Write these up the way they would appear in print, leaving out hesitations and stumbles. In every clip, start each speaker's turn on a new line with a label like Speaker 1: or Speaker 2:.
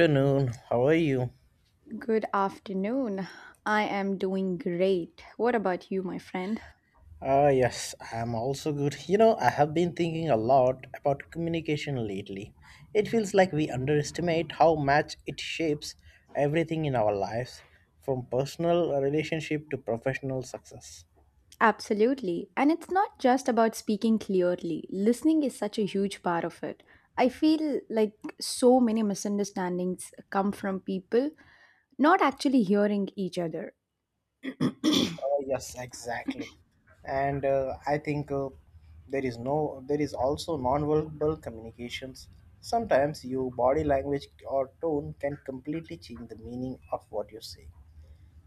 Speaker 1: Afternoon. How are you?
Speaker 2: Good afternoon. I am doing great. What about you, my friend?
Speaker 1: Ah, yes, I'm also good. You know, I have been thinking a lot about communication lately. It feels like we underestimate how much it shapes everything in our lives, from personal relationship to professional success.
Speaker 2: Absolutely. And it's not just about speaking clearly, listening is such a huge part of it. I feel like so many misunderstandings come from people not actually hearing each other.
Speaker 1: Yes, exactly. And I think there is no, there is also nonverbal communications. Sometimes your body language or tone can completely change the meaning of what you say.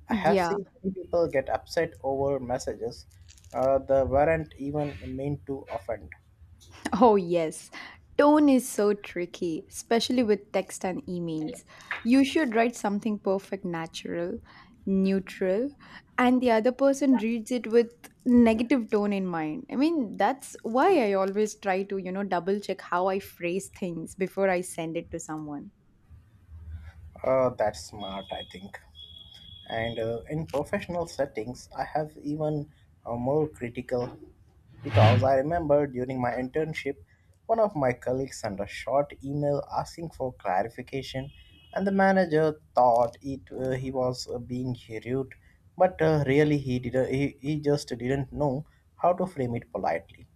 Speaker 1: I have
Speaker 2: Yeah.
Speaker 1: seen many people get upset over messages that weren't even meant to offend.
Speaker 2: Oh, yes. Tone is so tricky, especially with text and emails. You should write something perfect, natural, neutral, and the other person reads it with negative tone in mind. I mean, that's why I always try to, double check how I phrase things before I send it to someone.
Speaker 1: That's smart, I think. And in professional settings, I have even more critical because I remember during my internship, one of my colleagues sent a short email asking for clarification, and the manager thought it he was being rude, but really he just didn't know how to frame it politely.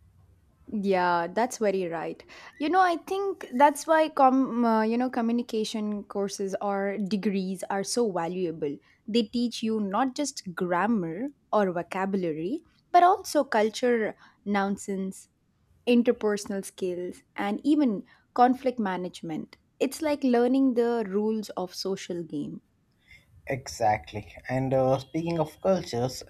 Speaker 2: Yeah, that's very right. You know, I think that's why com you know communication courses or degrees are so valuable. They teach you not just grammar or vocabulary, but also culture, nonsense, interpersonal skills, and even conflict management. It's like learning the rules of social game.
Speaker 1: Exactly. And speaking of cultures,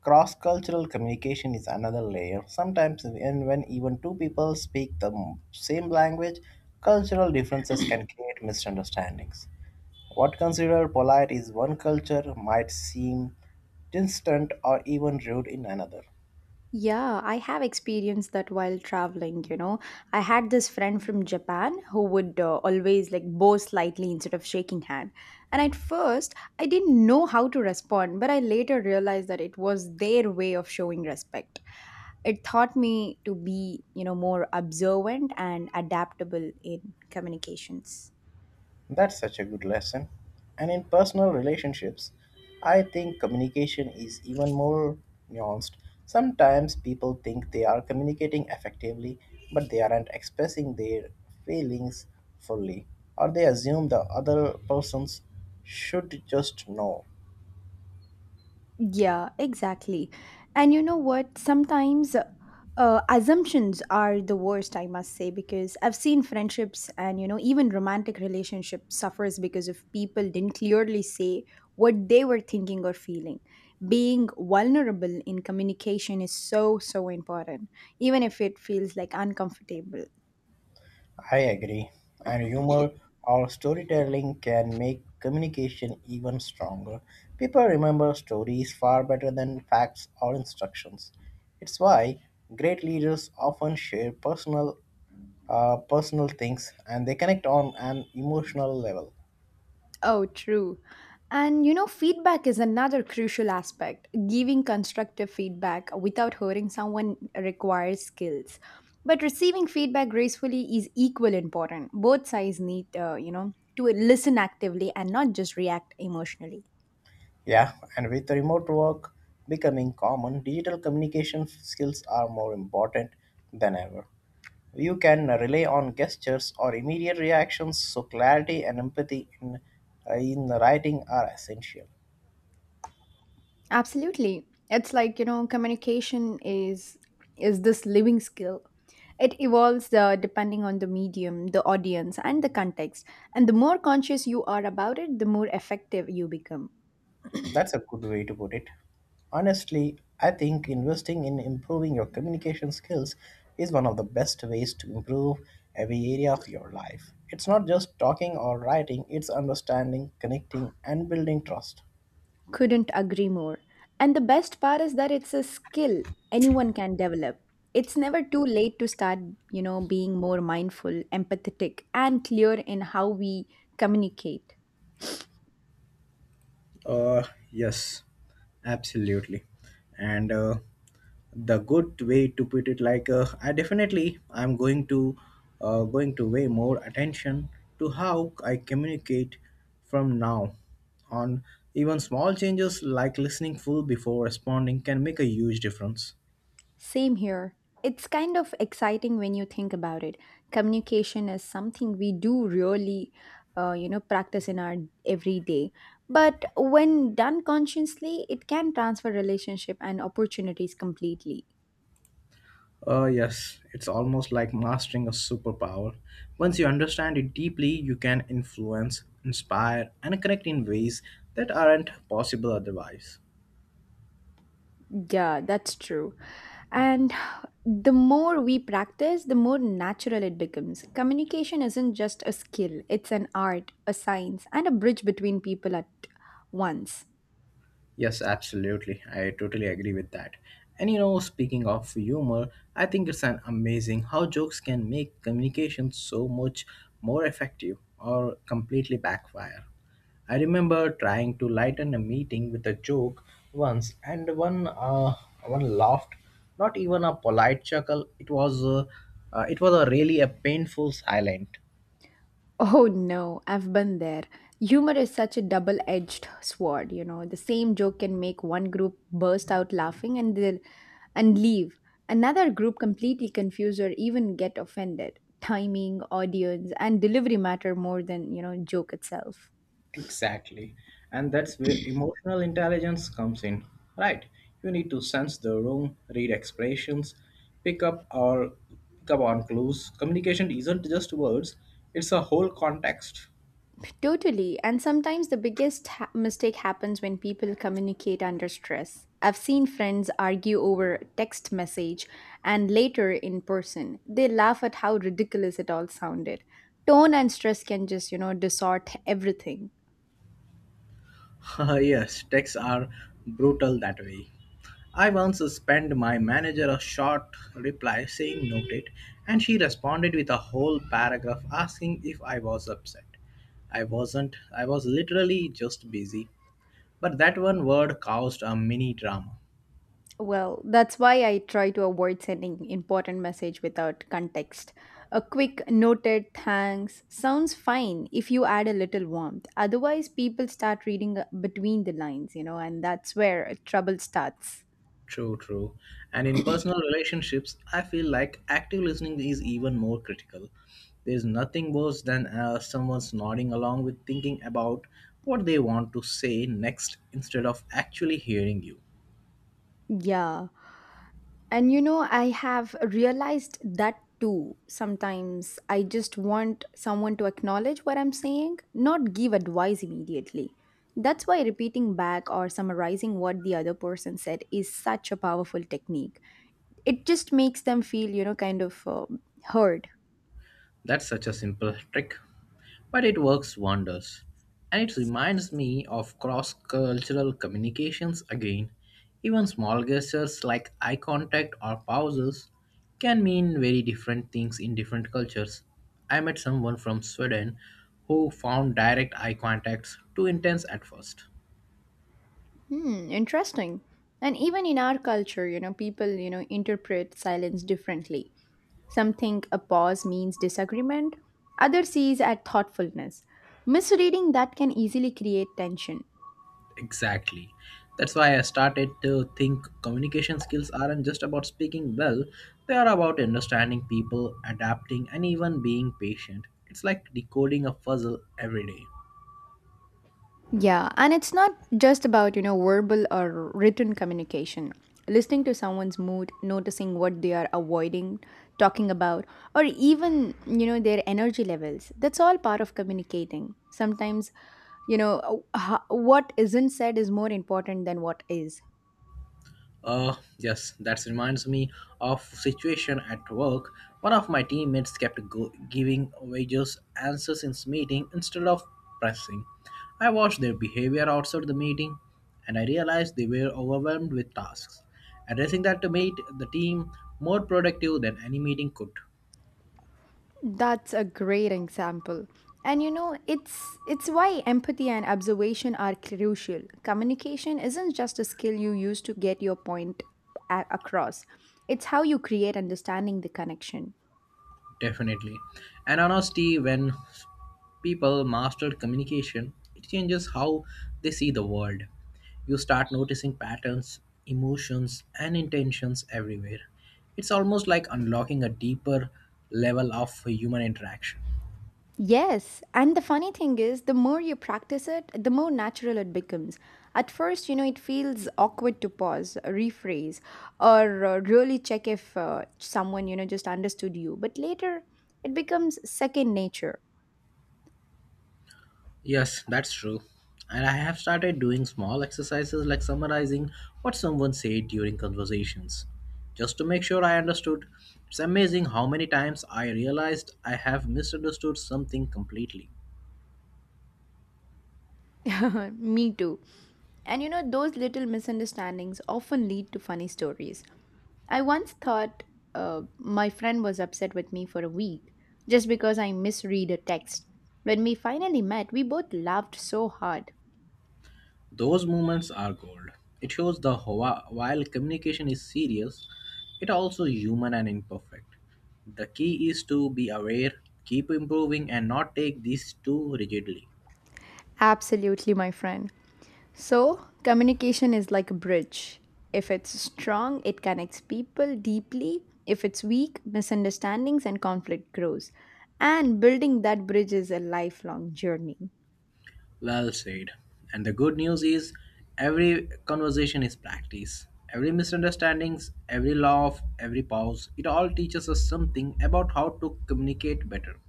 Speaker 1: cross cultural communication is another layer. Sometimes, when even two people speak same language, cultural differences can create misunderstandings. What considered polite is one culture might seem distant or even rude in another.
Speaker 2: Yeah, I have experienced that while traveling, you know. I had this friend from Japan who would always like bow slightly instead of shaking hand. And at first, I didn't know how to respond, but I later realized that it was their way of showing respect. It taught me to be, you know, more observant and adaptable in communications.
Speaker 1: That's such a good lesson. And in personal relationships, I think communication is even more nuanced. Sometimes people think they are communicating effectively, but they aren't expressing their feelings fully, or they assume the other persons should just know.
Speaker 2: Yeah, exactly. And you know what? Sometimes assumptions are the worst, I must say, because I've seen friendships and, you know, even romantic relationships suffers because if people didn't clearly say what they were thinking or feeling. Being vulnerable in communication is so, so important, even if it feels like uncomfortable.
Speaker 1: I agree, and humor or storytelling can make communication even stronger. People remember stories far better than facts or instructions. It's why great leaders often share personal things and they connect on an emotional level.
Speaker 2: Oh, true. And you know, feedback is another crucial aspect. Giving constructive feedback without hurting someone requires skills. But receiving feedback gracefully is equally important. Both sides need, to listen actively and not just react emotionally.
Speaker 1: Yeah, and with remote work becoming common, digital communication skills are more important than ever. You can rely on gestures or immediate reactions, so clarity and empathy in the writing are essential.
Speaker 2: Absolutely. It's like, you know, communication is this living skill. It evolves depending on the medium, the audience, and the context. And the more conscious you are about it, the more effective you become.
Speaker 1: That's a good way to put it. Honestly, I think investing in improving your communication skills is one of the best ways to improve every area of your life. It's not just talking or writing, it's understanding, connecting, and building trust.
Speaker 2: Couldn't agree more. And the best part is that it's a skill anyone can develop. It's never too late to start, you know, being more mindful, empathetic, and clear in how we communicate.
Speaker 1: Uh, yes, absolutely. And the good way to put it, I definitely I'm going to going to pay more attention to how I communicate from now on. Even small changes like listening full before responding can make a huge difference.
Speaker 2: Same here. It's kind of exciting when you think about it. Communication is something we do really, practice in our everyday. But when done consciously, it can transfer relationship and opportunities completely.
Speaker 1: Yes, it's almost like mastering a superpower. Once you understand it deeply, you can influence, inspire, and connect in ways that aren't possible otherwise.
Speaker 2: Yeah, that's true. And the more we practice, the more natural it becomes. Communication isn't just a skill, it's an art, a science, and a bridge between people at once.
Speaker 1: Yes, absolutely. I totally agree with that. And you know, speaking of humor, I think it's an amazing how jokes can make communication so much more effective or completely backfire. I remember trying to lighten a meeting with a joke once, and one laughed. Not even a polite chuckle. It was a really a painful silent.
Speaker 2: Oh no, I've been there. Humor is such a double edged sword, you know. The same joke can make one group burst out laughing and leave. Another group completely confused or even get offended. Timing, audience, and delivery matter more than, you know, joke itself.
Speaker 1: Exactly. And that's where emotional intelligence comes in, right? You need to sense the room, read expressions, pick up or pick up on clues. Communication isn't just words, it's a whole context.
Speaker 2: Totally. And sometimes the biggest mistake happens when people communicate under stress. I've seen friends argue over text message and later in person. They laugh at how ridiculous it all sounded. Tone and stress can just, you know, distort everything.
Speaker 1: Yes, texts are brutal that way. I once sent my manager a short reply saying noted, and she responded with a whole paragraph asking if I was upset. I wasn't, I was literally just busy. But that one word caused a mini drama.
Speaker 2: Well, that's why I try to avoid sending important message without context. A quick noted thanks sounds fine if you add a little warmth. Otherwise, people start reading between the lines, you know, and that's where trouble starts.
Speaker 1: True, true. And in personal relationships, I feel like active listening is even more critical. There's nothing worse than someone's nodding along with thinking about what they want to say next instead of actually hearing you.
Speaker 2: Yeah. And you know, I have realized that too. Sometimes I just want someone to acknowledge what I'm saying, not give advice immediately. That's why repeating back or summarizing what the other person said is such a powerful technique. It just makes them feel, heard.
Speaker 1: That's such a simple trick, but it works wonders. And it reminds me of cross cultural communications again. Even small gestures like eye contact or pauses can mean very different things in different cultures. I met someone from Sweden who found direct eye contacts too intense at first.
Speaker 2: Hmm, interesting. And even in our culture, you know, people, you know, interpret silence differently. Some think a pause means disagreement, others sees at thoughtfulness. Misreading that can easily create tension.
Speaker 1: Exactly. That's why I started to think communication skills aren't just about speaking well, they are about understanding people, adapting, and even being patient. It's like decoding a puzzle every day.
Speaker 2: Yeah, and it's not just about, you know, verbal or written communication. Listening to someone's mood, noticing what they are avoiding talking about, or even, you know, their energy levels. That's all part of communicating. Sometimes, what isn't said is more important than what is.
Speaker 1: Yes, that reminds me of situation at work. One of my teammates giving wages answers in meeting instead of pressing. I watched their behavior outside the meeting, and I realized they were overwhelmed with tasks. Addressing that made the team more productive than any meeting could.
Speaker 2: That's a great example. And you know, it's why empathy and observation are crucial. Communication isn't just a skill you use to get your point across. It's how you create understanding the connection.
Speaker 1: Definitely. And honestly, when people master communication, it changes how they see the world. You start noticing patterns, emotions, and intentions everywhere. It's almost like unlocking a deeper level of human interaction.
Speaker 2: Yes, and the funny thing is, the more you practice it, the more natural it becomes. At first, you know, it feels awkward to pause, rephrase, or really check if someone, you know, just understood you. But later, it becomes second nature.
Speaker 1: Yes, that's true. And I have started doing small exercises like summarizing what someone said during conversations, just to make sure I understood. It's amazing how many times I realized I have misunderstood something completely.
Speaker 2: Me too. And you know, those little misunderstandings often lead to funny stories. I once thought my friend was upset with me for a week just because I misread a text. When we finally met, we both laughed so hard.
Speaker 1: Those moments are gold. It shows while communication is serious, it also human and imperfect. The key is to be aware, keep improving and not take these too rigidly.
Speaker 2: Absolutely, my friend. So, communication is like a bridge. If it's strong, it connects people deeply. If it's weak, misunderstandings and conflict grows. And building that bridge is a lifelong journey.
Speaker 1: Well said. And the good news is every conversation is practice. Every misunderstandings, every laugh, every pause, it all teaches us something about how to communicate better.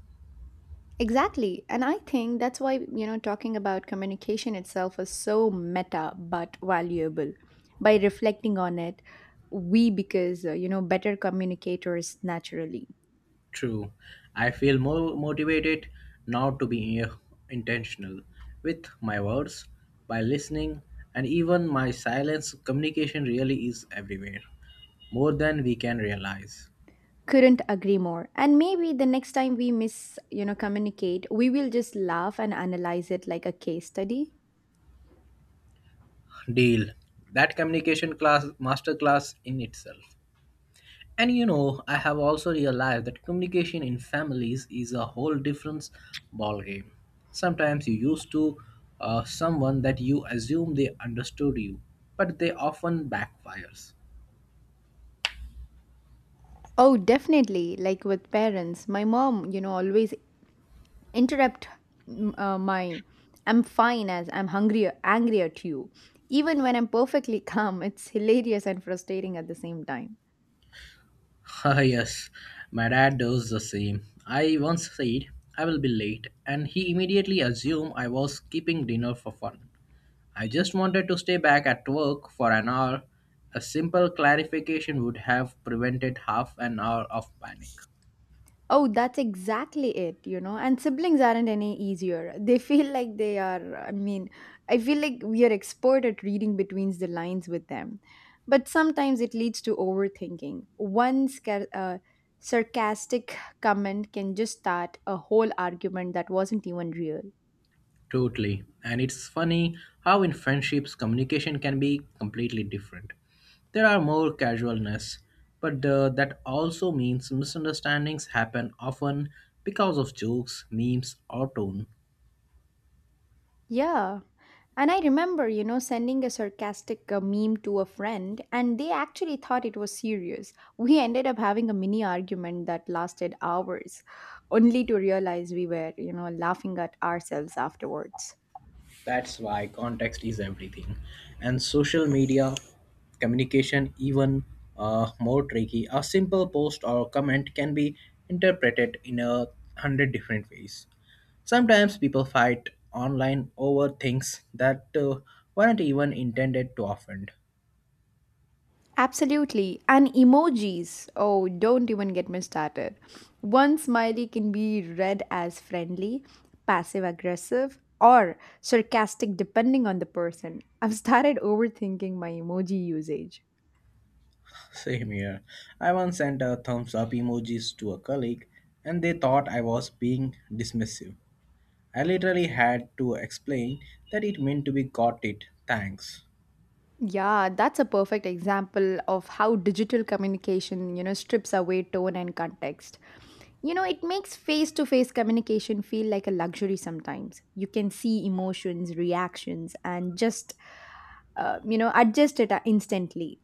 Speaker 2: Exactly. And I think that's why, you know, talking about communication itself is so meta but valuable. By reflecting on it, we because, you know, better communicators naturally.
Speaker 1: True. I feel more motivated now to be intentional with my words, by listening, and even my silence. Communication really is everywhere, more than we can realize.
Speaker 2: Couldn't agree more. And maybe the next time we miss, you know, communicate, we will just laugh and analyze it like a case study.
Speaker 1: Deal. That communication class masterclass in itself. And you know, I have also realized that communication in families is a whole different ballgame. Sometimes you used to someone that you assume they understood you, but they often backfires.
Speaker 2: Oh, definitely. Like with parents, my mom, you know, always interrupt my I'm fine as I'm hungry, angry at you. Even when I'm perfectly calm, it's hilarious and frustrating at the same time.
Speaker 1: Ah, yes, my dad does the same. I once said I will be late, and he immediately assumed I was keeping dinner for fun. I just wanted to stay back at work for an hour. A simple clarification would have prevented half an hour of panic.
Speaker 2: Oh, that's exactly it, you know. And siblings aren't any easier. They feel like they are, I mean, I feel like we are expert at reading between the lines with them. But sometimes it leads to overthinking. One sarcastic comment can just start a whole argument that wasn't even real.
Speaker 1: Totally. And it's funny how in friendships communication can be completely different. There are more casualness, but that also means misunderstandings happen often because of jokes, memes, or tone.
Speaker 2: Yeah. And I remember, you know, sending a sarcastic meme to a friend, and they actually thought it was serious. We ended up having a mini argument that lasted hours, only to realize we were, you know, laughing at ourselves afterwards.
Speaker 1: That's why context is everything. And social media communication even more tricky. A simple post or comment can be interpreted in a hundred different ways. Sometimes people fight online over things that weren't even intended to offend.
Speaker 2: Absolutely. And emojis. Oh, don't even get me started. One smiley can be read as friendly, passive aggressive, or sarcastic, depending on the person. I've started overthinking my emoji usage.
Speaker 1: Same here. I once sent a thumbs up emojis to a colleague and they thought I was being dismissive. I literally had to explain that it meant to be got it, thanks.
Speaker 2: Yeah, that's a perfect example of how digital communication, you know, strips away tone and context. You know, it makes face to face communication feel like a luxury sometimes. You can see emotions, reactions, and just, adjust it instantly.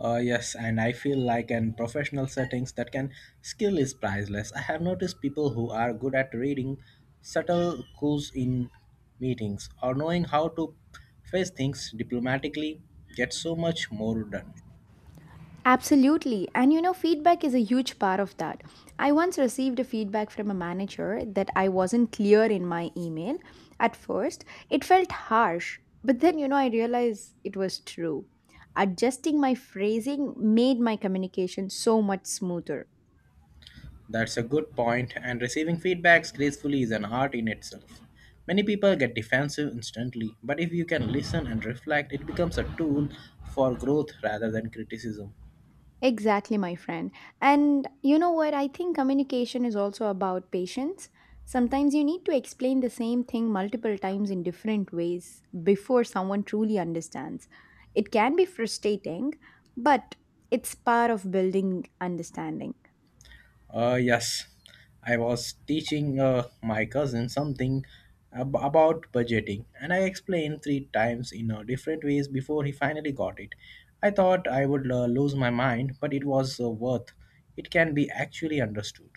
Speaker 1: Yes, and I feel like in professional settings that can skill is priceless. I have noticed people who are good at reading subtle cues in meetings or knowing how to face things diplomatically get so much more done.
Speaker 2: Absolutely. And you know, feedback is a huge part of that. I once received a feedback from a manager that I wasn't clear in my email. At first, it felt harsh, but then, you know, I realized it was true. Adjusting my phrasing made my communication so much smoother.
Speaker 1: That's a good point, and receiving feedbacks gracefully is an art in itself. Many people get defensive instantly, but if you can listen and reflect, it becomes a tool for growth rather than criticism.
Speaker 2: Exactly, my friend. And you know what? I think communication is also about patience. Sometimes you need to explain the same thing multiple times in different ways before someone truly understands. It can be frustrating, but it's part of building understanding.
Speaker 1: Yes, I was teaching my cousin something about budgeting, and I explained three times in different ways before he finally got it. I thought I would lose my mind, but it was worth. It can be actually understood.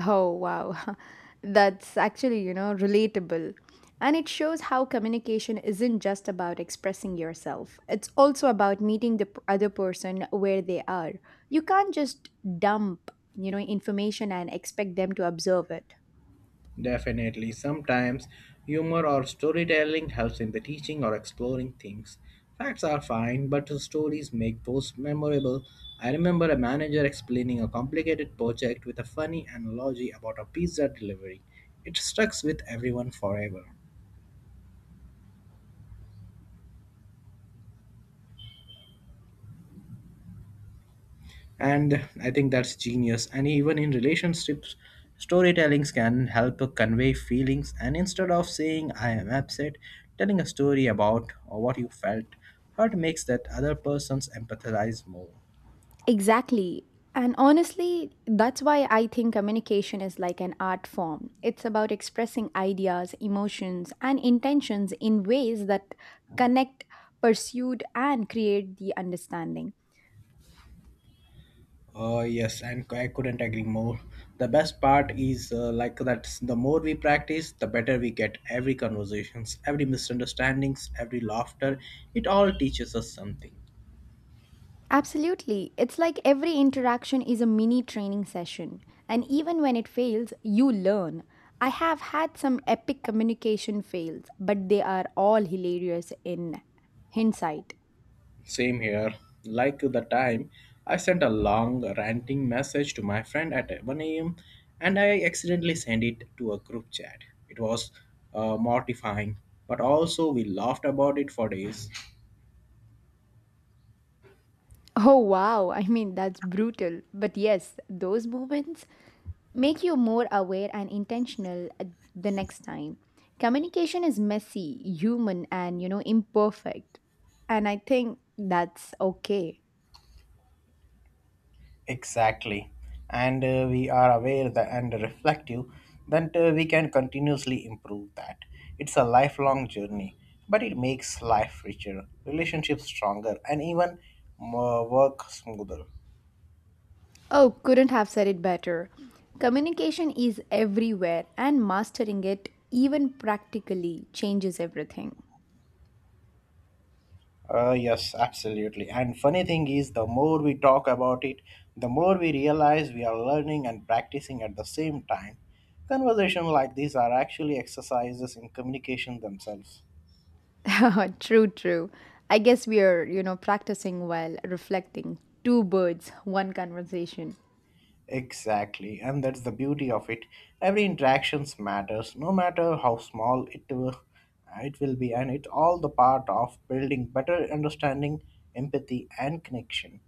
Speaker 2: Oh, wow. That's actually, you know, relatable. And it shows how communication isn't just about expressing yourself. It's also about meeting the other person where they are. You can't just dump, you know, information and expect them to observe it.
Speaker 1: Definitely, sometimes humor or storytelling helps in the teaching or exploring things. Facts are fine, but the stories make those memorable. I remember a manager explaining a complicated project with a funny analogy about a pizza delivery. It stuck with everyone forever. And I think that's genius, and even in relationships storytellings can help convey feelings and instead of saying I am upset, telling a story about or what you felt hurt makes that other person's empathize more.
Speaker 2: Exactly. And honestly, that's why I think communication is like an art form. It's about expressing ideas, emotions, and intentions in ways that connect, pursued, and create the understanding.
Speaker 1: Yes, and I couldn't agree more. The best part is that the more we practice the better we get. Every conversations, every misunderstandings, every laughter, it all teaches us something.
Speaker 2: Absolutely. It's like every interaction is a mini training session. And even when it fails, you learn. I have had some epic communication fails, but they are all hilarious in hindsight.
Speaker 1: Same here. Like the time I sent a long ranting message to my friend at 1 a.m. and I accidentally sent it to a group chat. It was mortifying, but also we laughed about it for days.
Speaker 2: Oh wow, I mean, that's brutal. But yes, those moments make you more aware and intentional the next time. Communication is messy, human, and you know, imperfect. And I think that's okay.
Speaker 1: Exactly. And we are aware that and reflective that we can continuously improve that. It's a lifelong journey, but it makes life richer, relationships stronger, and even more work smoother.
Speaker 2: Oh, couldn't have said it better. Communication is everywhere, and mastering it, even practically, changes everything.
Speaker 1: Yes, absolutely. And funny thing is, the more we talk about it, the more we realize we are learning and practicing at the same time. Conversations like these are actually exercises in communication themselves.
Speaker 2: true, true. I guess we are, you know, practicing while reflecting. Two birds, one conversation.
Speaker 1: Exactly, and that's the beauty of it. Every interactions matters, no matter how small it will be, and it's all the part of building better understanding, empathy, and connection.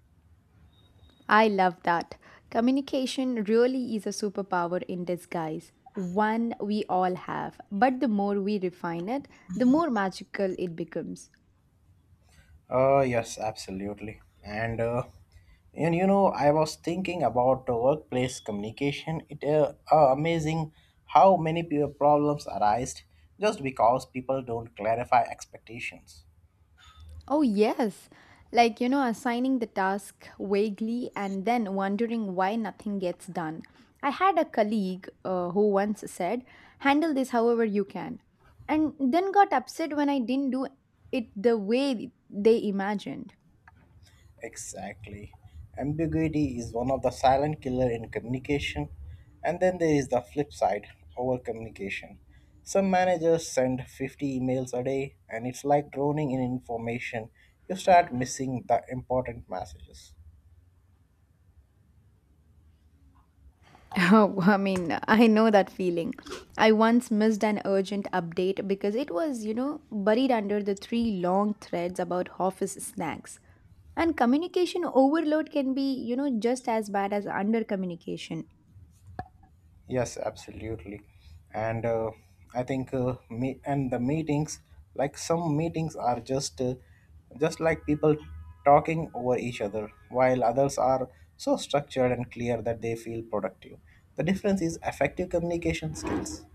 Speaker 2: I love that. Communication really is a superpower in disguise. One we all have, but the more we refine it, the more magical it becomes.
Speaker 1: Yes, absolutely. And you know, I was thinking about the workplace communication. It amazing how many problems arise just because people don't clarify expectations.
Speaker 2: Oh, yes. Like, you know, assigning the task vaguely and then wondering why nothing gets done. I had a colleague who once said, handle this however you can, and then got upset when I didn't do it the way they imagined.
Speaker 1: Exactly. Ambiguity is one of the silent killer in communication. And then there is the flip side, over communication. Some managers send 50 emails a day and it's like drowning in information. You start missing the important messages.
Speaker 2: Oh, I mean, I know that feeling. I once missed an urgent update because it was, you know, buried under the three long threads about office snacks. And communication overload can be, you know, just as bad as under communication.
Speaker 1: Yes, absolutely. And I think me and the meetings, like some meetings are just like people talking over each other, while others are so structured and clear that they feel productive. The difference is effective communication skills.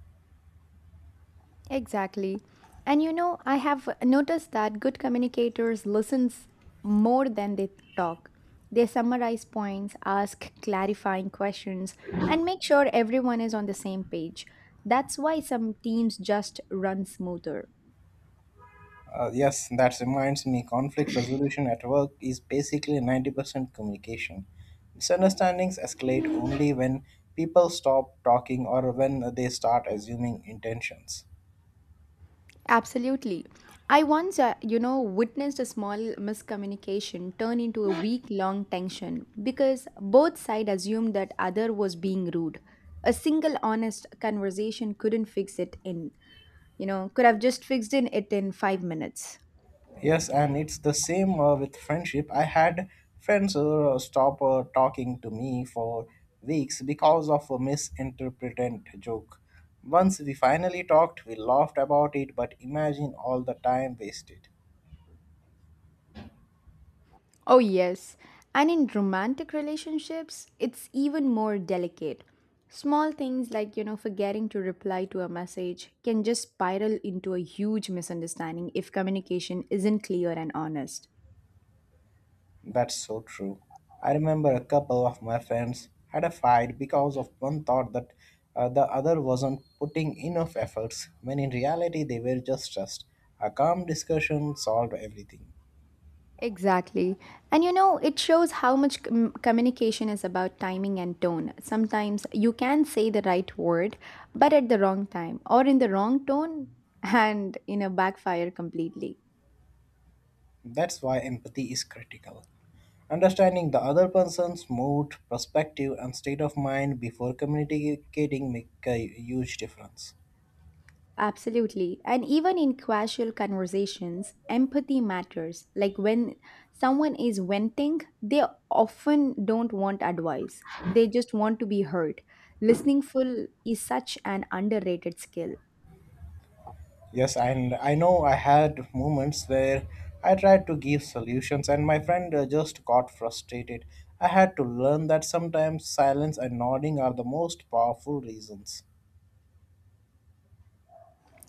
Speaker 2: Exactly. And you know, I have noticed that good communicators listens more than they talk. They summarize points, ask clarifying questions, and make sure everyone is on the same page. That's why some teams just run smoother.
Speaker 1: Yes, that reminds me, conflict resolution at work is basically 90% communication. Misunderstandings escalate only when people stop talking or when they start assuming intentions.
Speaker 2: Absolutely. I once, witnessed a small miscommunication turn into a week-long tension because both sides assumed that other was being rude. A single honest conversation couldn't fix it in. Could have just fixed in it in 5 minutes.
Speaker 1: Yes, and it's the same with friendship. I had friends stop talking to me for weeks because of a misinterpreted joke. Once we finally talked, we laughed about it, but imagine all the time wasted.
Speaker 2: Oh, yes. And in romantic relationships, it's even more delicate. Small things like, forgetting to reply to a message can just spiral into a huge misunderstanding if communication isn't clear and honest.
Speaker 1: That's so true. I remember a couple of my friends had a fight because of one thought that the other wasn't putting enough efforts, when in reality they were just stressed. A calm discussion solved everything.
Speaker 2: Exactly. And it shows how much communication is about timing and tone. Sometimes you can say the right word, but at the wrong time or in the wrong tone and, backfire completely.
Speaker 1: That's why empathy is critical. Understanding the other person's mood, perspective, and state of mind before communicating make a huge difference.
Speaker 2: Absolutely. And even in casual conversations, empathy matters. Like when someone is venting, they often don't want advice, they just want to be heard. Listening full is such an underrated skill.
Speaker 1: Yes, and I know I had moments where I tried to give solutions and my friend just got frustrated. I had to learn that sometimes silence and nodding are the most powerful reasons.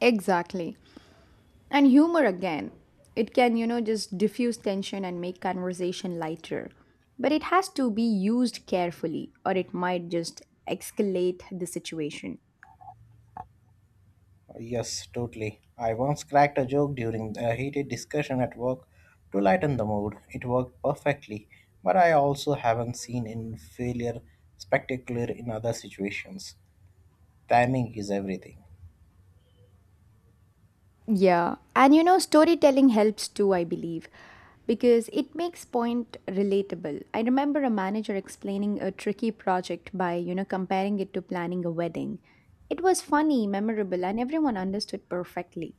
Speaker 2: Exactly. And humor again. It can, just diffuse tension and make conversation lighter. But it has to be used carefully, or it might just escalate the situation.
Speaker 1: Yes, totally. I once cracked a joke during a heated discussion at work to lighten the mood. It worked perfectly, but I also haven't seen in failure spectacular in other situations. Timing is everything.
Speaker 2: Yeah, and storytelling helps too, I believe, because it makes point relatable. I remember a manager explaining a tricky project by, comparing it to planning a wedding. It was funny, memorable, and everyone understood perfectly.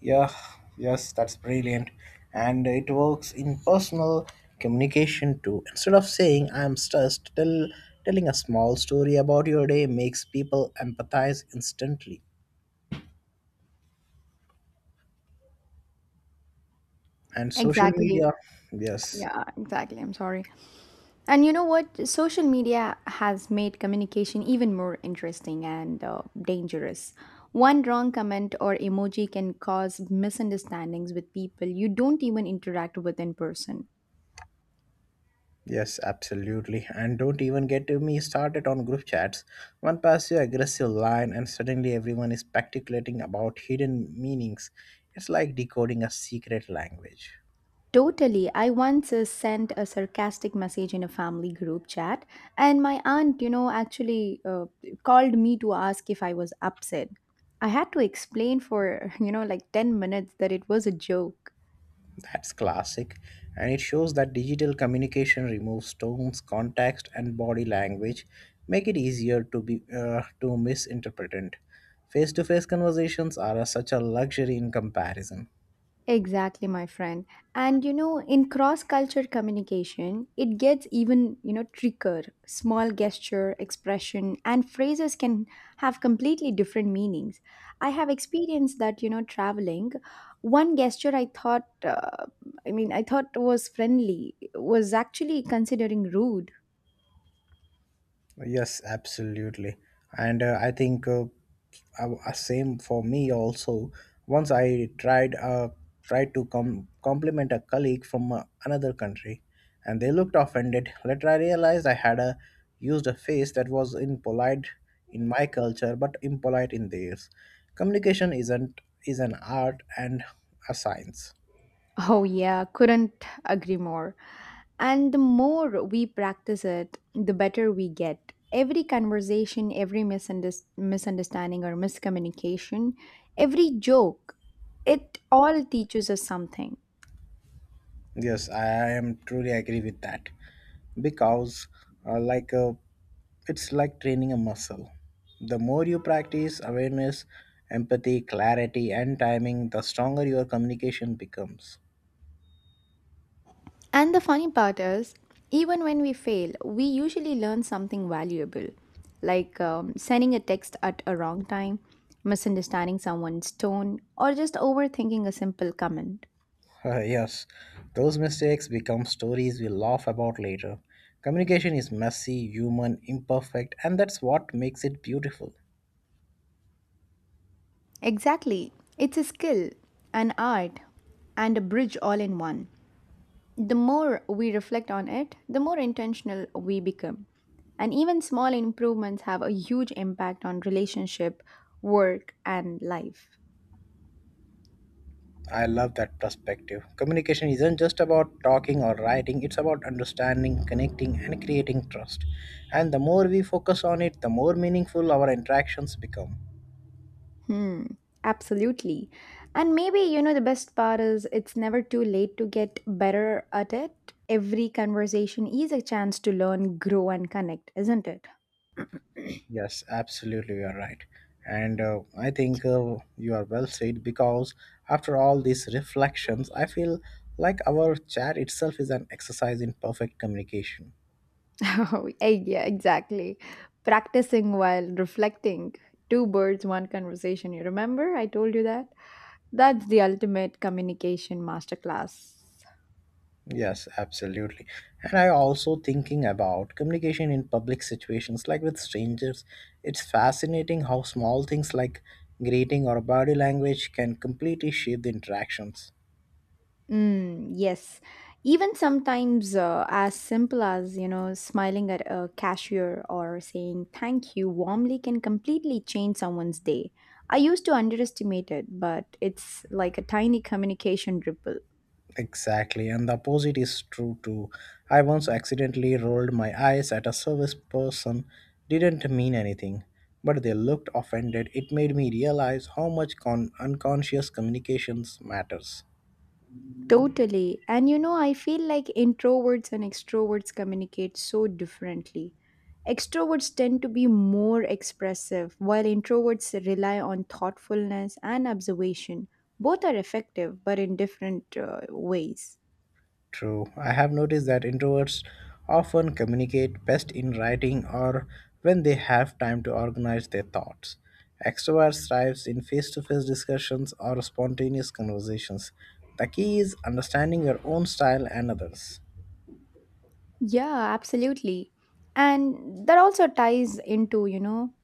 Speaker 1: Yeah, yes, that's brilliant. And it works in personal communication too. Instead of saying I'm stressed, telling a small story about your day makes people empathize instantly. And social
Speaker 2: Exactly.
Speaker 1: media, yes.
Speaker 2: Yeah, exactly. I'm sorry. And you know what? Social media has made communication even more interesting and dangerous. One wrong comment or emoji can cause misunderstandings with people you don't even interact with in person.
Speaker 1: Yes, absolutely. And don't even get me started on group chats. One passive aggressive line, and suddenly everyone is speculating about hidden meanings. It's like decoding a secret language.
Speaker 2: Totally. I once sent a sarcastic message in a family group chat, and my aunt, actually called me to ask if I was upset. I had to explain for, like 10 minutes that it was a joke.
Speaker 1: That's classic, and it shows that digital communication removes tones, context, and body language, make it easier to be to misinterpret. Face-to-face conversations are such a luxury in comparison.
Speaker 2: Exactly, my friend. And in cross-culture communication, it gets even, trickier. Small gesture, expression, and phrases can have completely different meanings. I have experienced that, traveling, one gesture I thought, I thought was friendly was actually considering rude.
Speaker 1: Yes, absolutely. And I think same for me also. Once I tried tried to compliment a colleague from another country, and they looked offended. Later, I realized used a phrase that was impolite in my culture, but impolite in theirs. Communication isn't is an art and a science.
Speaker 2: Oh, yeah, couldn't agree more. And the more we practice it, the better we get. Every conversation, every misunderstanding or miscommunication, every joke, it all teaches us something.
Speaker 1: Yes, I am truly agree with that because uh, like uh, it's like training a muscle. The more you practice awareness, empathy, clarity, and timing, the stronger your communication becomes.
Speaker 2: And the funny part is, even when we fail, we usually learn something valuable, like sending a text at a wrong time, misunderstanding someone's tone, or just overthinking a simple comment.
Speaker 1: Yes, those mistakes become stories we laugh about later. Communication is messy, human, imperfect, and that's what makes it beautiful.
Speaker 2: Exactly. It's a skill, an art, and a bridge all in one. The more we reflect on it, the more intentional we become. And even small improvements have a huge impact on relationship, work, and life.
Speaker 1: I love that perspective. Communication isn't just about talking or writing, it's about understanding, connecting, and creating trust. And the more we focus on it, the more meaningful our interactions become.
Speaker 2: Hmm, absolutely. And maybe, the best part is it's never too late to get better at it. Every conversation is a chance to learn, grow, and connect, isn't it?
Speaker 1: Yes, absolutely, you are right. And I think you are well said because after all these reflections, I feel like our chat itself is an exercise in perfect communication.
Speaker 2: Oh, yeah, exactly. Practicing while reflecting. Two birds, one conversation. You remember I told you that? That's the ultimate communication masterclass.
Speaker 1: Yes, absolutely. And I also thinking about communication in public situations like with strangers. It's fascinating how small things like greeting or body language can completely shape the interactions.
Speaker 2: Mm, yes. Even sometimes as simple as, smiling at a cashier or saying thank you warmly can completely change someone's day. I used to underestimate it, but it's like a tiny communication ripple.
Speaker 1: Exactly, and the opposite is true too. I once accidentally rolled my eyes at a service person, didn't mean anything, but they looked offended. It made me realize how much unconscious communications matters.
Speaker 2: Totally. And I feel like introverts and extroverts communicate so differently. Extroverts tend to be more expressive, while introverts rely on thoughtfulness and observation. Both are effective, but in different ways.
Speaker 1: True. I have noticed that introverts often communicate best in writing or when they have time to organize their thoughts. Extroverts thrive in face to face discussions or spontaneous conversations. The key is understanding your own style and others.
Speaker 2: Yeah, absolutely. And that also ties into,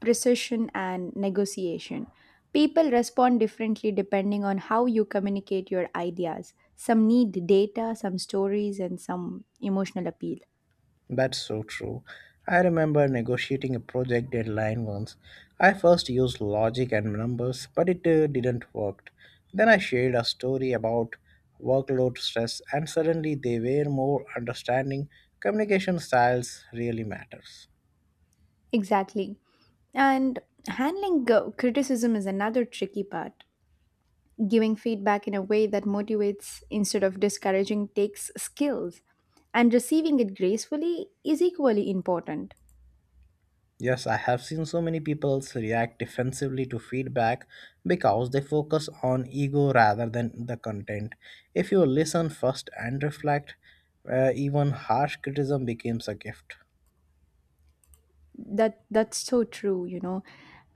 Speaker 2: precision and negotiation. People respond differently depending on how you communicate your ideas. Some need data, some stories, and some emotional appeal.
Speaker 1: That's so true. I remember negotiating a project deadline once. I first used logic and numbers, but it didn't work. Then I shared a story about workload stress, and suddenly they were more understanding. Communication styles really matters.
Speaker 2: Exactly. And handling criticism is another tricky part. Giving feedback in a way that motivates instead of discouraging takes skills, and receiving it gracefully is equally important.
Speaker 1: Yes, I have seen so many people react defensively to feedback because they focus on ego rather than the content. If you listen first and reflect, even harsh criticism becomes a gift.
Speaker 2: That's so true,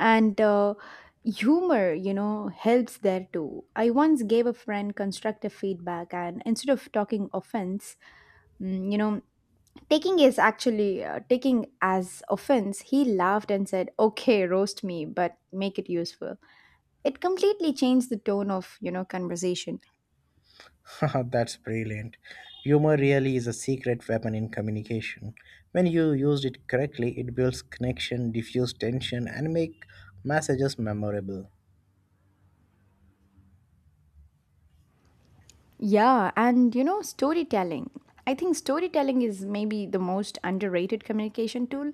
Speaker 2: and humor, helps there too. I once gave a friend constructive feedback, and instead of talking offense, mm, you know taking is actually taking as offense, he laughed and said, okay, roast me but make it useful. It completely changed the tone of, conversation.
Speaker 1: That's brilliant. Humor really is a secret weapon in communication. When you use it correctly, it builds connection, diffuse tension, and make messages memorable.
Speaker 2: Yeah, and storytelling. I think storytelling is maybe the most underrated communication tool.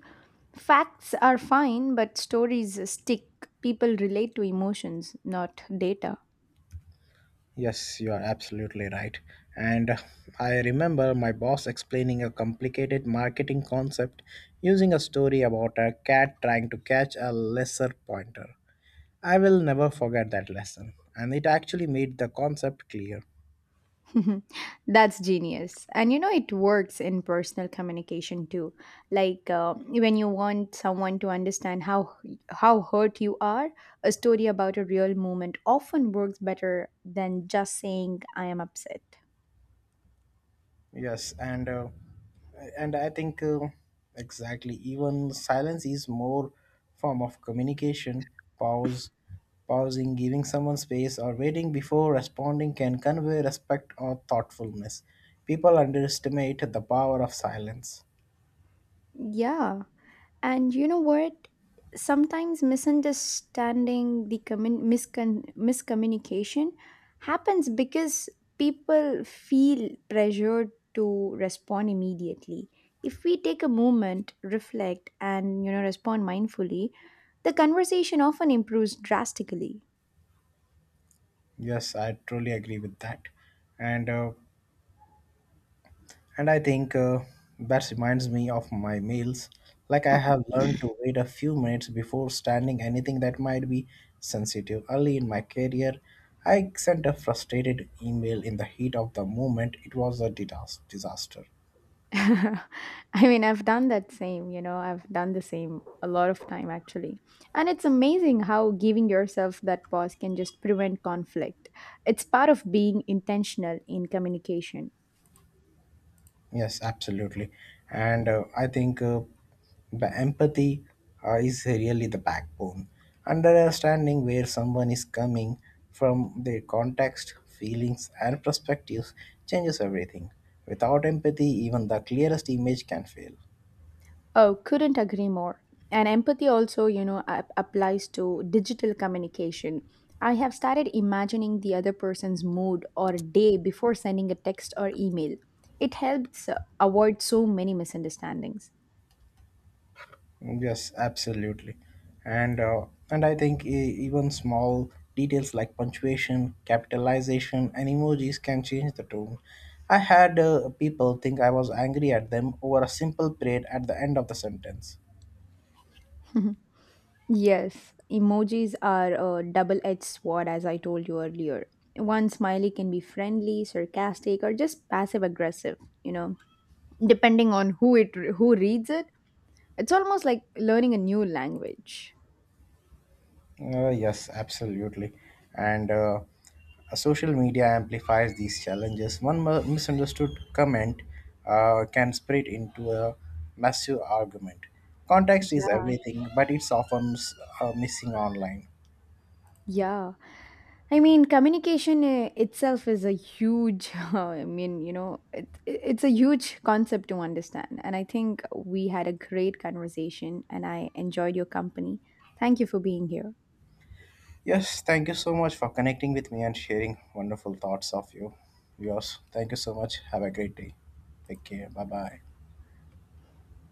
Speaker 2: Facts are fine, but stories stick. People relate to emotions, not data.
Speaker 1: Yes, you are absolutely right. And I remember my boss explaining a complicated marketing concept using a story about a cat trying to catch a lesser pointer. I will never forget that lesson, and it actually made the concept clear.
Speaker 2: That's genius. And it works in personal communication too. Like when you want someone to understand how hurt you are, a story about a real moment often works better than just saying I am upset.
Speaker 1: Yes, and I think exactly. Even silence is more form of communication. Pause, pausing, giving someone space, or waiting before responding can convey respect or thoughtfulness. People underestimate the power of silence.
Speaker 2: Yeah. And you know what? Sometimes misunderstanding, the miscommunication happens because people feel pressured to respond immediately. If we take a moment, reflect, and respond mindfully, the conversation often improves drastically.
Speaker 1: Yes, I truly agree with that. And I think that reminds me of my meals. Like I have learned to wait a few minutes before standing anything that might be sensitive. Early in my career, I sent a frustrated email in the heat of the moment. It was a disaster.
Speaker 2: I mean, I've done that same, I've done the same a lot of time actually. And it's amazing how giving yourself that pause can just prevent conflict. It's part of being intentional in communication.
Speaker 1: Yes, absolutely. And I think the empathy is really the backbone. Understanding where someone is coming from, their context, feelings, and perspectives changes everything. Without empathy, even the clearest image can fail.
Speaker 2: Oh, couldn't agree more. And empathy also, applies to digital communication. I have started imagining the other person's mood or day before sending a text or email. It helps avoid so many misunderstandings.
Speaker 1: Yes, absolutely. And I think even small details like punctuation, capitalization, and emojis can change the tone. I had people think I was angry at them over a simple period at the end of the sentence.
Speaker 2: Yes, emojis are a double edged sword, as I told you earlier. One smiley can be friendly, sarcastic, or just passive aggressive, you know, depending on who it who reads it. It's almost like learning a new language.
Speaker 1: Yes, absolutely. And social media amplifies these challenges. One misunderstood comment can spread into a massive argument. Context is
Speaker 2: Yeah.
Speaker 1: everything, but it's often missing online.
Speaker 2: Yeah. I mean, communication itself is a huge, it's a huge concept to understand. And I think we had a great conversation and I enjoyed your company. Thank you for being here.
Speaker 1: Yes, thank you so much for connecting with me and sharing wonderful thoughts of you. Yours. Thank you so much. Have a great day. Take care. Bye bye.